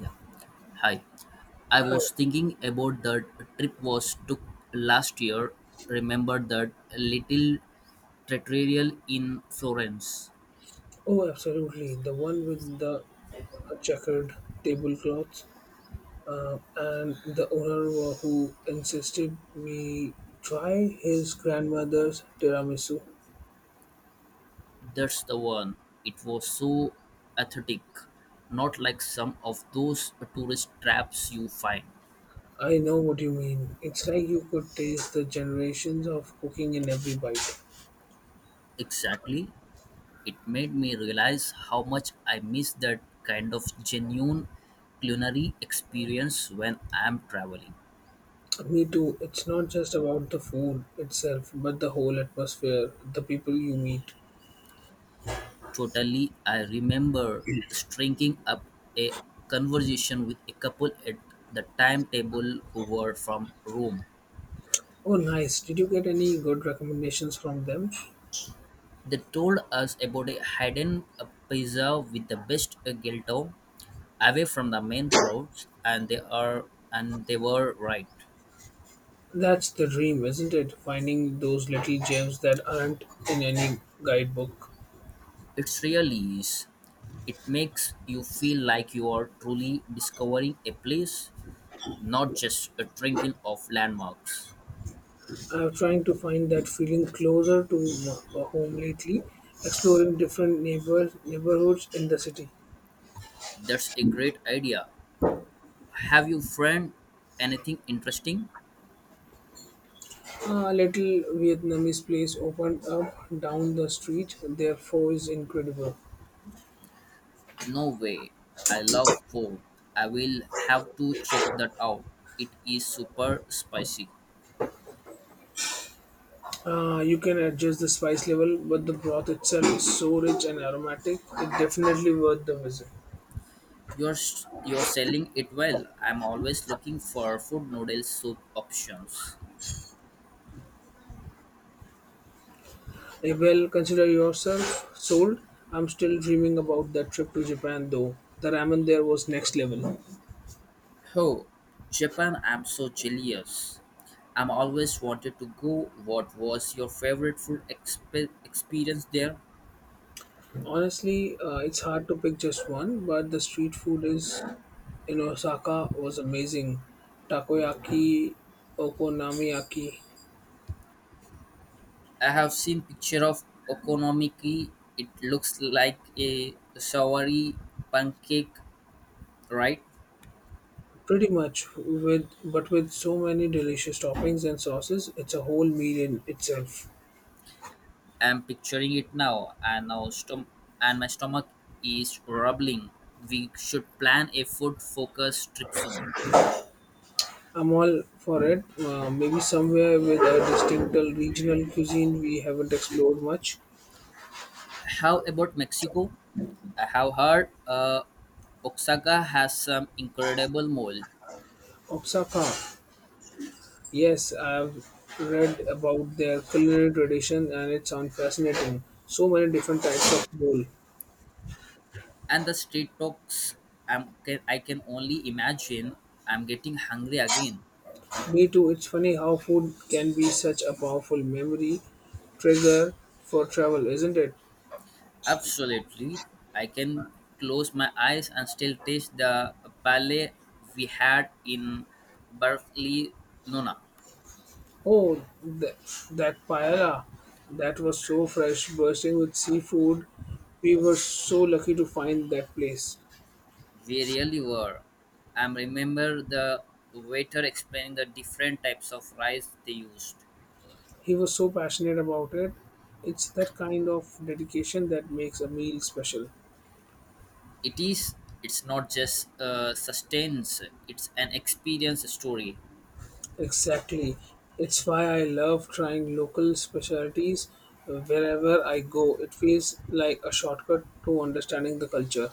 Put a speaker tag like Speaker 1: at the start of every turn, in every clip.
Speaker 1: Yeah. Hi. I
Speaker 2: Hi.
Speaker 1: was thinking about the trip was took last year. Remember that little trattoria in Florence.
Speaker 2: Oh, absolutely. The one with the checkered tablecloths and the owner who insisted we try his grandmother's tiramisu.
Speaker 1: That's the one. It was so aesthetic, not like some of those tourist traps you find.
Speaker 2: I know what you mean. It's like you could taste the generations of cooking in every bite.
Speaker 1: Exactly. It made me realize how much I miss that kind of genuine culinary experience when I am traveling.
Speaker 2: Me too. It's not just about the food itself, but the whole atmosphere, the people you meet.
Speaker 1: Totally, I remember striking up a conversation with a couple at the timetable who were from Rome.
Speaker 2: Oh, nice. Did you get any good recommendations from them?
Speaker 1: They told us about a hidden pizza with the best gelato away from the main crowds, and they were right.
Speaker 2: That's the dream, isn't it? Finding those little gems that aren't in any guidebook.
Speaker 1: It really is. It makes you feel like you are truly discovering a place, not just a drinking of landmarks.
Speaker 2: I'm trying to find that feeling closer to home lately, exploring different neighborhoods in the city.
Speaker 1: That's a great idea. Have you found anything interesting?
Speaker 2: A little Vietnamese place opened up down the street, their pho is incredible.
Speaker 1: No way. I love pork. I will have to check that out. It is super spicy.
Speaker 2: You can adjust the spice level, but the broth itself is so rich and aromatic, it's definitely worth the visit.
Speaker 1: You're selling it well. I'm always looking for food noodle soup options.
Speaker 2: Well, consider yourself sold. I'm still dreaming about that trip to Japan though. The ramen there was next level.
Speaker 1: Oh, Japan! I'm so jealous. I'm always wanted to go. What was your favorite experience there?
Speaker 2: Honestly, it's hard to pick just one, but the street food is in Osaka was amazing. Takoyaki, okonomiyaki,
Speaker 1: I have seen picture of okonomiyaki. It looks like a soury pancake, right?
Speaker 2: pretty much with but with so many delicious toppings and sauces, it's a whole meal in itself.
Speaker 1: I'm picturing it now, and my stomach is rumbling. We should plan a food-focused trip soon.
Speaker 2: I'm all for it. Maybe somewhere with a distinct regional cuisine we haven't explored much.
Speaker 1: How about Mexico? I have heard Oaxaca has some incredible mole,
Speaker 2: Osaka. Yes, I've read about their culinary tradition and it sounds fascinating. So many different types of bowl.
Speaker 1: and the street talks. I can only imagine. I'm getting hungry again.
Speaker 2: Me too, it's funny how food can be such a powerful memory trigger for travel, isn't it?
Speaker 1: Absolutely. I can close my eyes and still taste the ballet we had in Barcelona.
Speaker 2: Oh, th- that paella that was so fresh, bursting with seafood. We were so lucky to find that place.
Speaker 1: We really were. I remember the waiter explaining the different types of rice they used.
Speaker 2: He was so passionate about it. It's that kind of dedication that makes a meal special.
Speaker 1: It is it's not just sustains, it's an experience story.
Speaker 2: Exactly. It's why I love trying local specialties wherever I go. It feels like a shortcut to understanding the culture.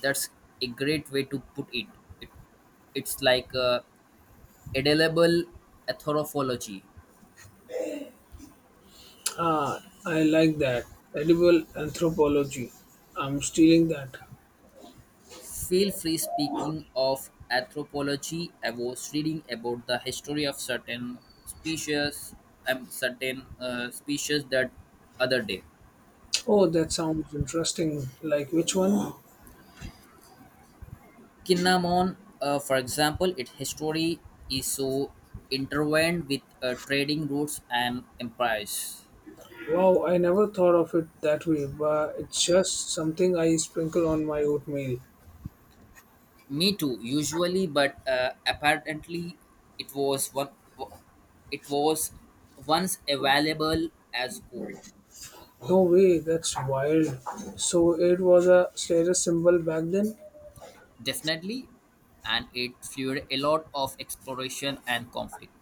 Speaker 1: That's a great way to put it. it it's like a edible anthropology.
Speaker 2: Ah, I like that. Edible anthropology. I'm stealing that.
Speaker 1: Feel free speaking of anthropology, I was reading about the history of species certain species that other day.
Speaker 2: Oh, that sounds interesting. Like which one?
Speaker 1: Kinnamon, for example, its history is so intertwined with trading routes and empires.
Speaker 2: Wow, I never thought of it that way, but it's just something I sprinkle on my oatmeal.
Speaker 1: Me too, usually, but apparently it was one it was once available as gold.
Speaker 2: No way, that's wild. So it was a status symbol back then?
Speaker 1: Definitely, and it fueled a lot of exploration and conflict.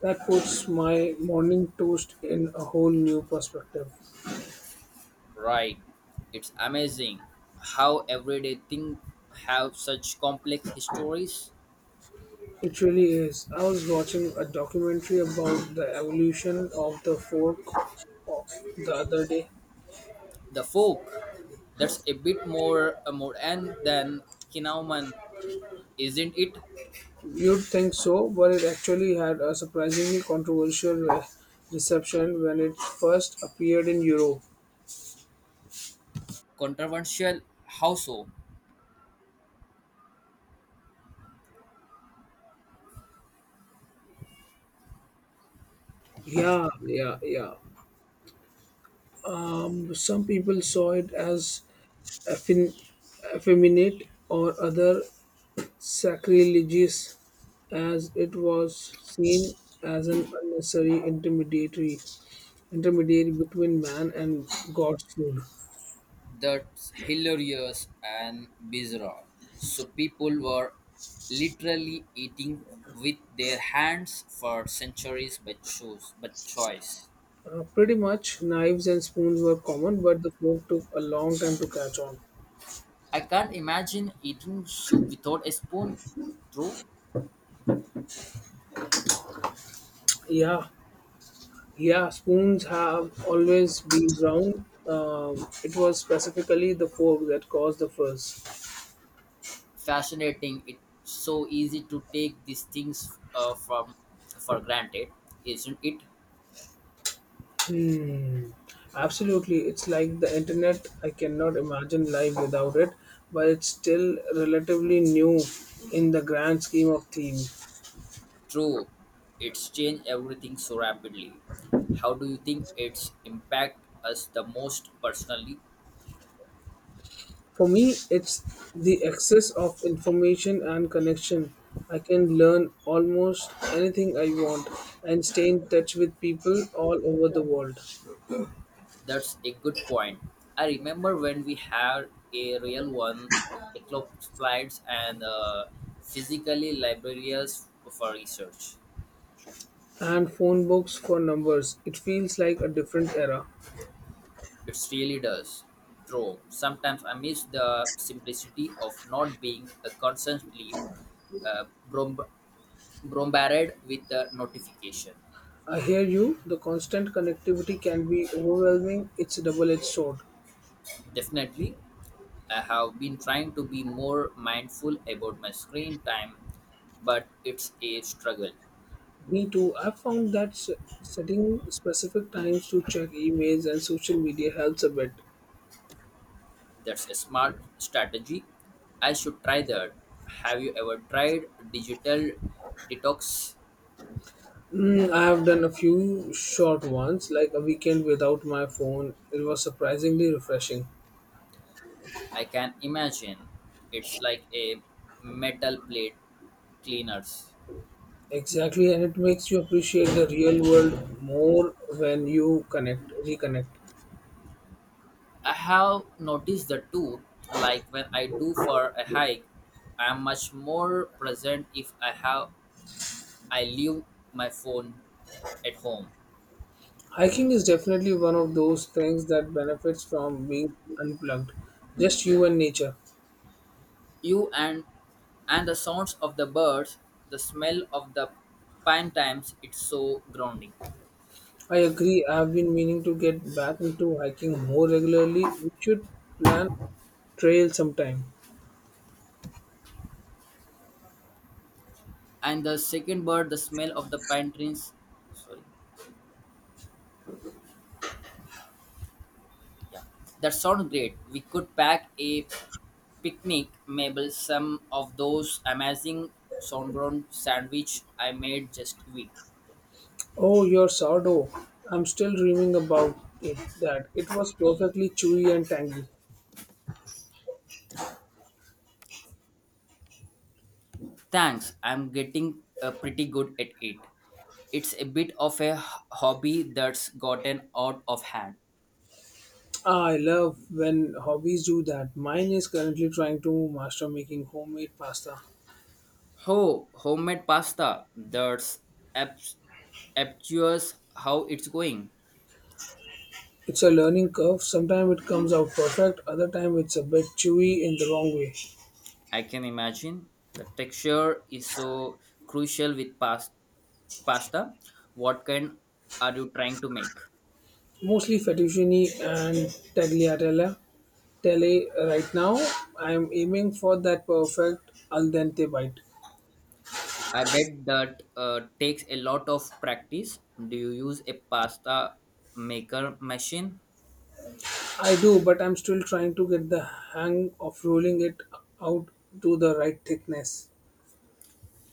Speaker 2: That puts my morning toast in a whole new perspective.
Speaker 1: Right. It's amazing how everyday things have such complex histories.
Speaker 2: It really is. I was watching a documentary about the evolution of the fork o- the other day.
Speaker 1: The folk, that's a bit more a more end than Kinauman, isn't it?
Speaker 2: You'd think so, but it actually had a surprisingly controversial reception when it first appeared in Europe.
Speaker 1: Controversial. How so?
Speaker 2: Yeah, yeah, yeah. Some people saw it as effin- effeminate or other sacrilegious, as it was seen as an unnecessary intermediary between man and God's food.
Speaker 1: That's hilarious and bizarre. So people were literally eating with their hands for centuries but choice.
Speaker 2: Pretty much, knives and spoons were common, but the fork took a long time to catch on.
Speaker 1: I can't imagine eating soup without a spoon. True,
Speaker 2: Yeah, yeah, spoons have always been round. It was specifically the fork that caused the fuss.
Speaker 1: fascinating. It's so easy to take these things from for granted, isn't it?
Speaker 2: Hmm. Absolutely. It's like the internet. I cannot imagine life without it, but it's still relatively new in the grand scheme of things.
Speaker 1: True, it's changed everything so rapidly. How do you think it's impact us the most personally?
Speaker 2: For me, it's the access of information and connection. I can learn almost anything I want and stay in touch with people all over the world.
Speaker 1: That's a good point. I remember when we had a real one, eclopsplides and physically libraries for research.
Speaker 2: And phone books for numbers. It feels like a different era.
Speaker 1: It really does. True. Sometimes I miss the simplicity of not being constantly uh, brom- bombarded with the notification.
Speaker 2: I hear you. The constant connectivity can be overwhelming. It's a double edged sword.
Speaker 1: Definitely, I have been trying to be more mindful about my screen time, but it's a struggle.
Speaker 2: Me too. I've found that setting specific times to check emails and social media helps a bit.
Speaker 1: That's a smart strategy I should try that. Have you ever tried digital detox?
Speaker 2: Mm, I have done a few short ones, like a weekend without my phone. It was surprisingly refreshing.
Speaker 1: I can imagine it's like a metal plate cleaners.
Speaker 2: Exactly, and it makes you appreciate the real world more when you connect, reconnect.
Speaker 1: I have noticed that too. Like when I do for a hike, I am much more present if I have I leave my phone at home.
Speaker 2: Hiking is definitely one of those things that benefits from being unplugged, just you and nature.
Speaker 1: You and the sounds of the birds, the smell of the pine times, it's so grounding.
Speaker 2: I agree. I have been meaning to get back into hiking more regularly. We should plan trail sometime.
Speaker 1: And the second bird, the smell of the pine trees. Sorry. Yeah, that sounds great. We could pack a picnic, maybe some of those amazing sourdough sandwich I made just a week.
Speaker 2: Oh, your sourdough. I'm still dreaming about it. That it was perfectly chewy and tangy.
Speaker 1: Thanks, I'm getting pretty good at it. It's a bit of hobby that's gotten out of hand.
Speaker 2: Ah, I love when hobbies do that. Mine is currently trying to master making homemade pasta.
Speaker 1: Oh, homemade pasta. Abs- obtuse how it's going.
Speaker 2: It's a learning curve. Sometimes it comes out perfect, other time it's a bit chewy in the wrong way.
Speaker 1: I can imagine the texture is so crucial with pasta. What kind are you trying to make?
Speaker 2: Mostly fettuccine and tagliatelle. Tele right now, I'm aiming for that perfect al dente bite.
Speaker 1: I bet that takes a lot of practice. Do you use a pasta maker machine?
Speaker 2: I do, but I'm still trying to get the hang of rolling it out to the right thickness.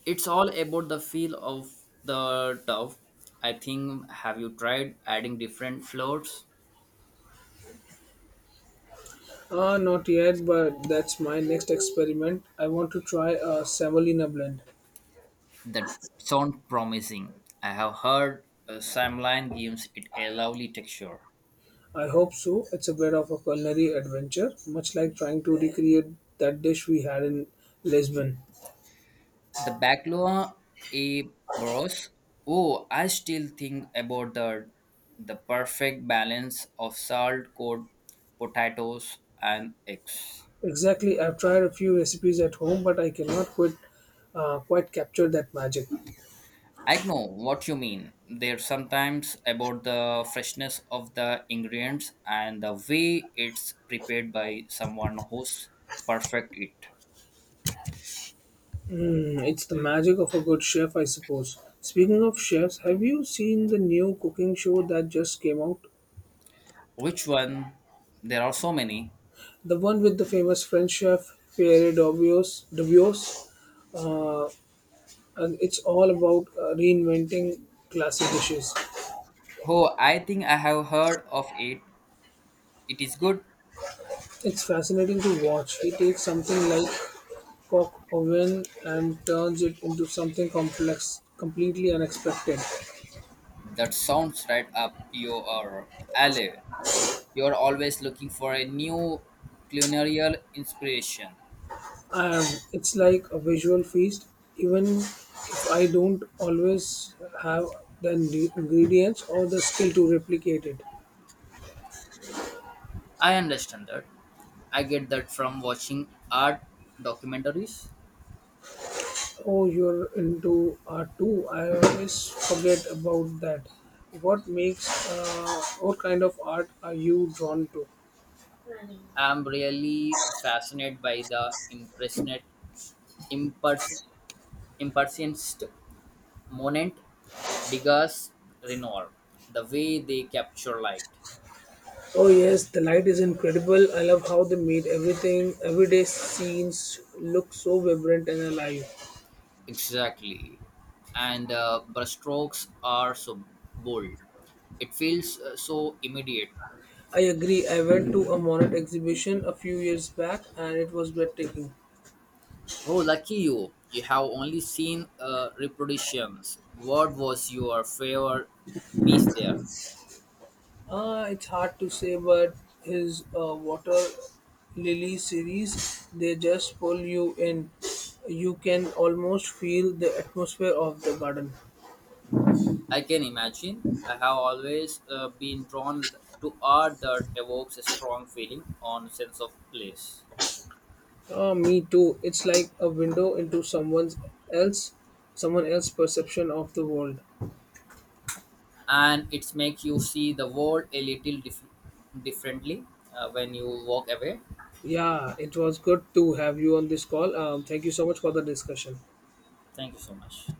Speaker 1: It's all about the feel of the dough, I think. Have you tried adding different flours?
Speaker 2: Ah, not yet, but that's my next experiment. I want to try a semolina blend.
Speaker 1: That sound promising. I have heard samline gives it a lovely texture.
Speaker 2: I hope so. It's a bit of a culinary adventure, much like trying to recreate that dish we had in Lisbon.
Speaker 1: The Backlua A Bros. Oh, I still think about the perfect balance of salt, cod, potatoes, and eggs.
Speaker 2: Exactly, I've tried a few recipes at home, but I cannot quite capture that magic.
Speaker 1: I know what you mean. There's sometimes about the freshness of the ingredients and the way it's prepared by someone who's perfect it.
Speaker 2: Hmm, it's the magic of a good chef, I suppose. Speaking of chefs, have you seen the new cooking show that just came out?
Speaker 1: Which one? There are so many.
Speaker 2: The one with the famous French chef Pierre Dabios. Dabios. Uh, and it's all about reinventing classic dishes.
Speaker 1: Oh, I think I have heard of it. It is good.
Speaker 2: It's fascinating to watch. He takes something like coq au vin and turns it into something complex, completely unexpected.
Speaker 1: That sounds right up your alley. You're always looking for a new culinary inspiration.
Speaker 2: Um, it's like a visual feast. Even if I don't always have the ingredients or the skill to replicate it.
Speaker 1: I understand that. I get that from watching art documentaries.
Speaker 2: Oh, you're into art too. I always forget about that. What kind of art are you drawn to?
Speaker 1: I'm really fascinated by the impers, impressionist moment, Degas, Renoir, the way they capture light.
Speaker 2: Oh yes, the light is incredible. I love how they made everyday scenes look so vibrant and alive.
Speaker 1: Exactly. And brushstrokes are so bold. It feels so immediate.
Speaker 2: I agree. I went to a Monet exhibition a few years back and it was breathtaking.
Speaker 1: Oh, lucky you. You have only seen reproductions. What was your favorite piece there?
Speaker 2: It's hard to say, but his water lily series, they just pull you in. You can almost feel the atmosphere of the garden.
Speaker 1: I can imagine. I have always been drawn to art that evokes a strong feeling on sense of place.
Speaker 2: Me too. It's like a window into else, someone else's perception of the world.
Speaker 1: And it makes you see the world a little differently when you walk away.
Speaker 2: Yeah, it was good to have you on this call. Thank you so much for the discussion.
Speaker 1: Thank you so much.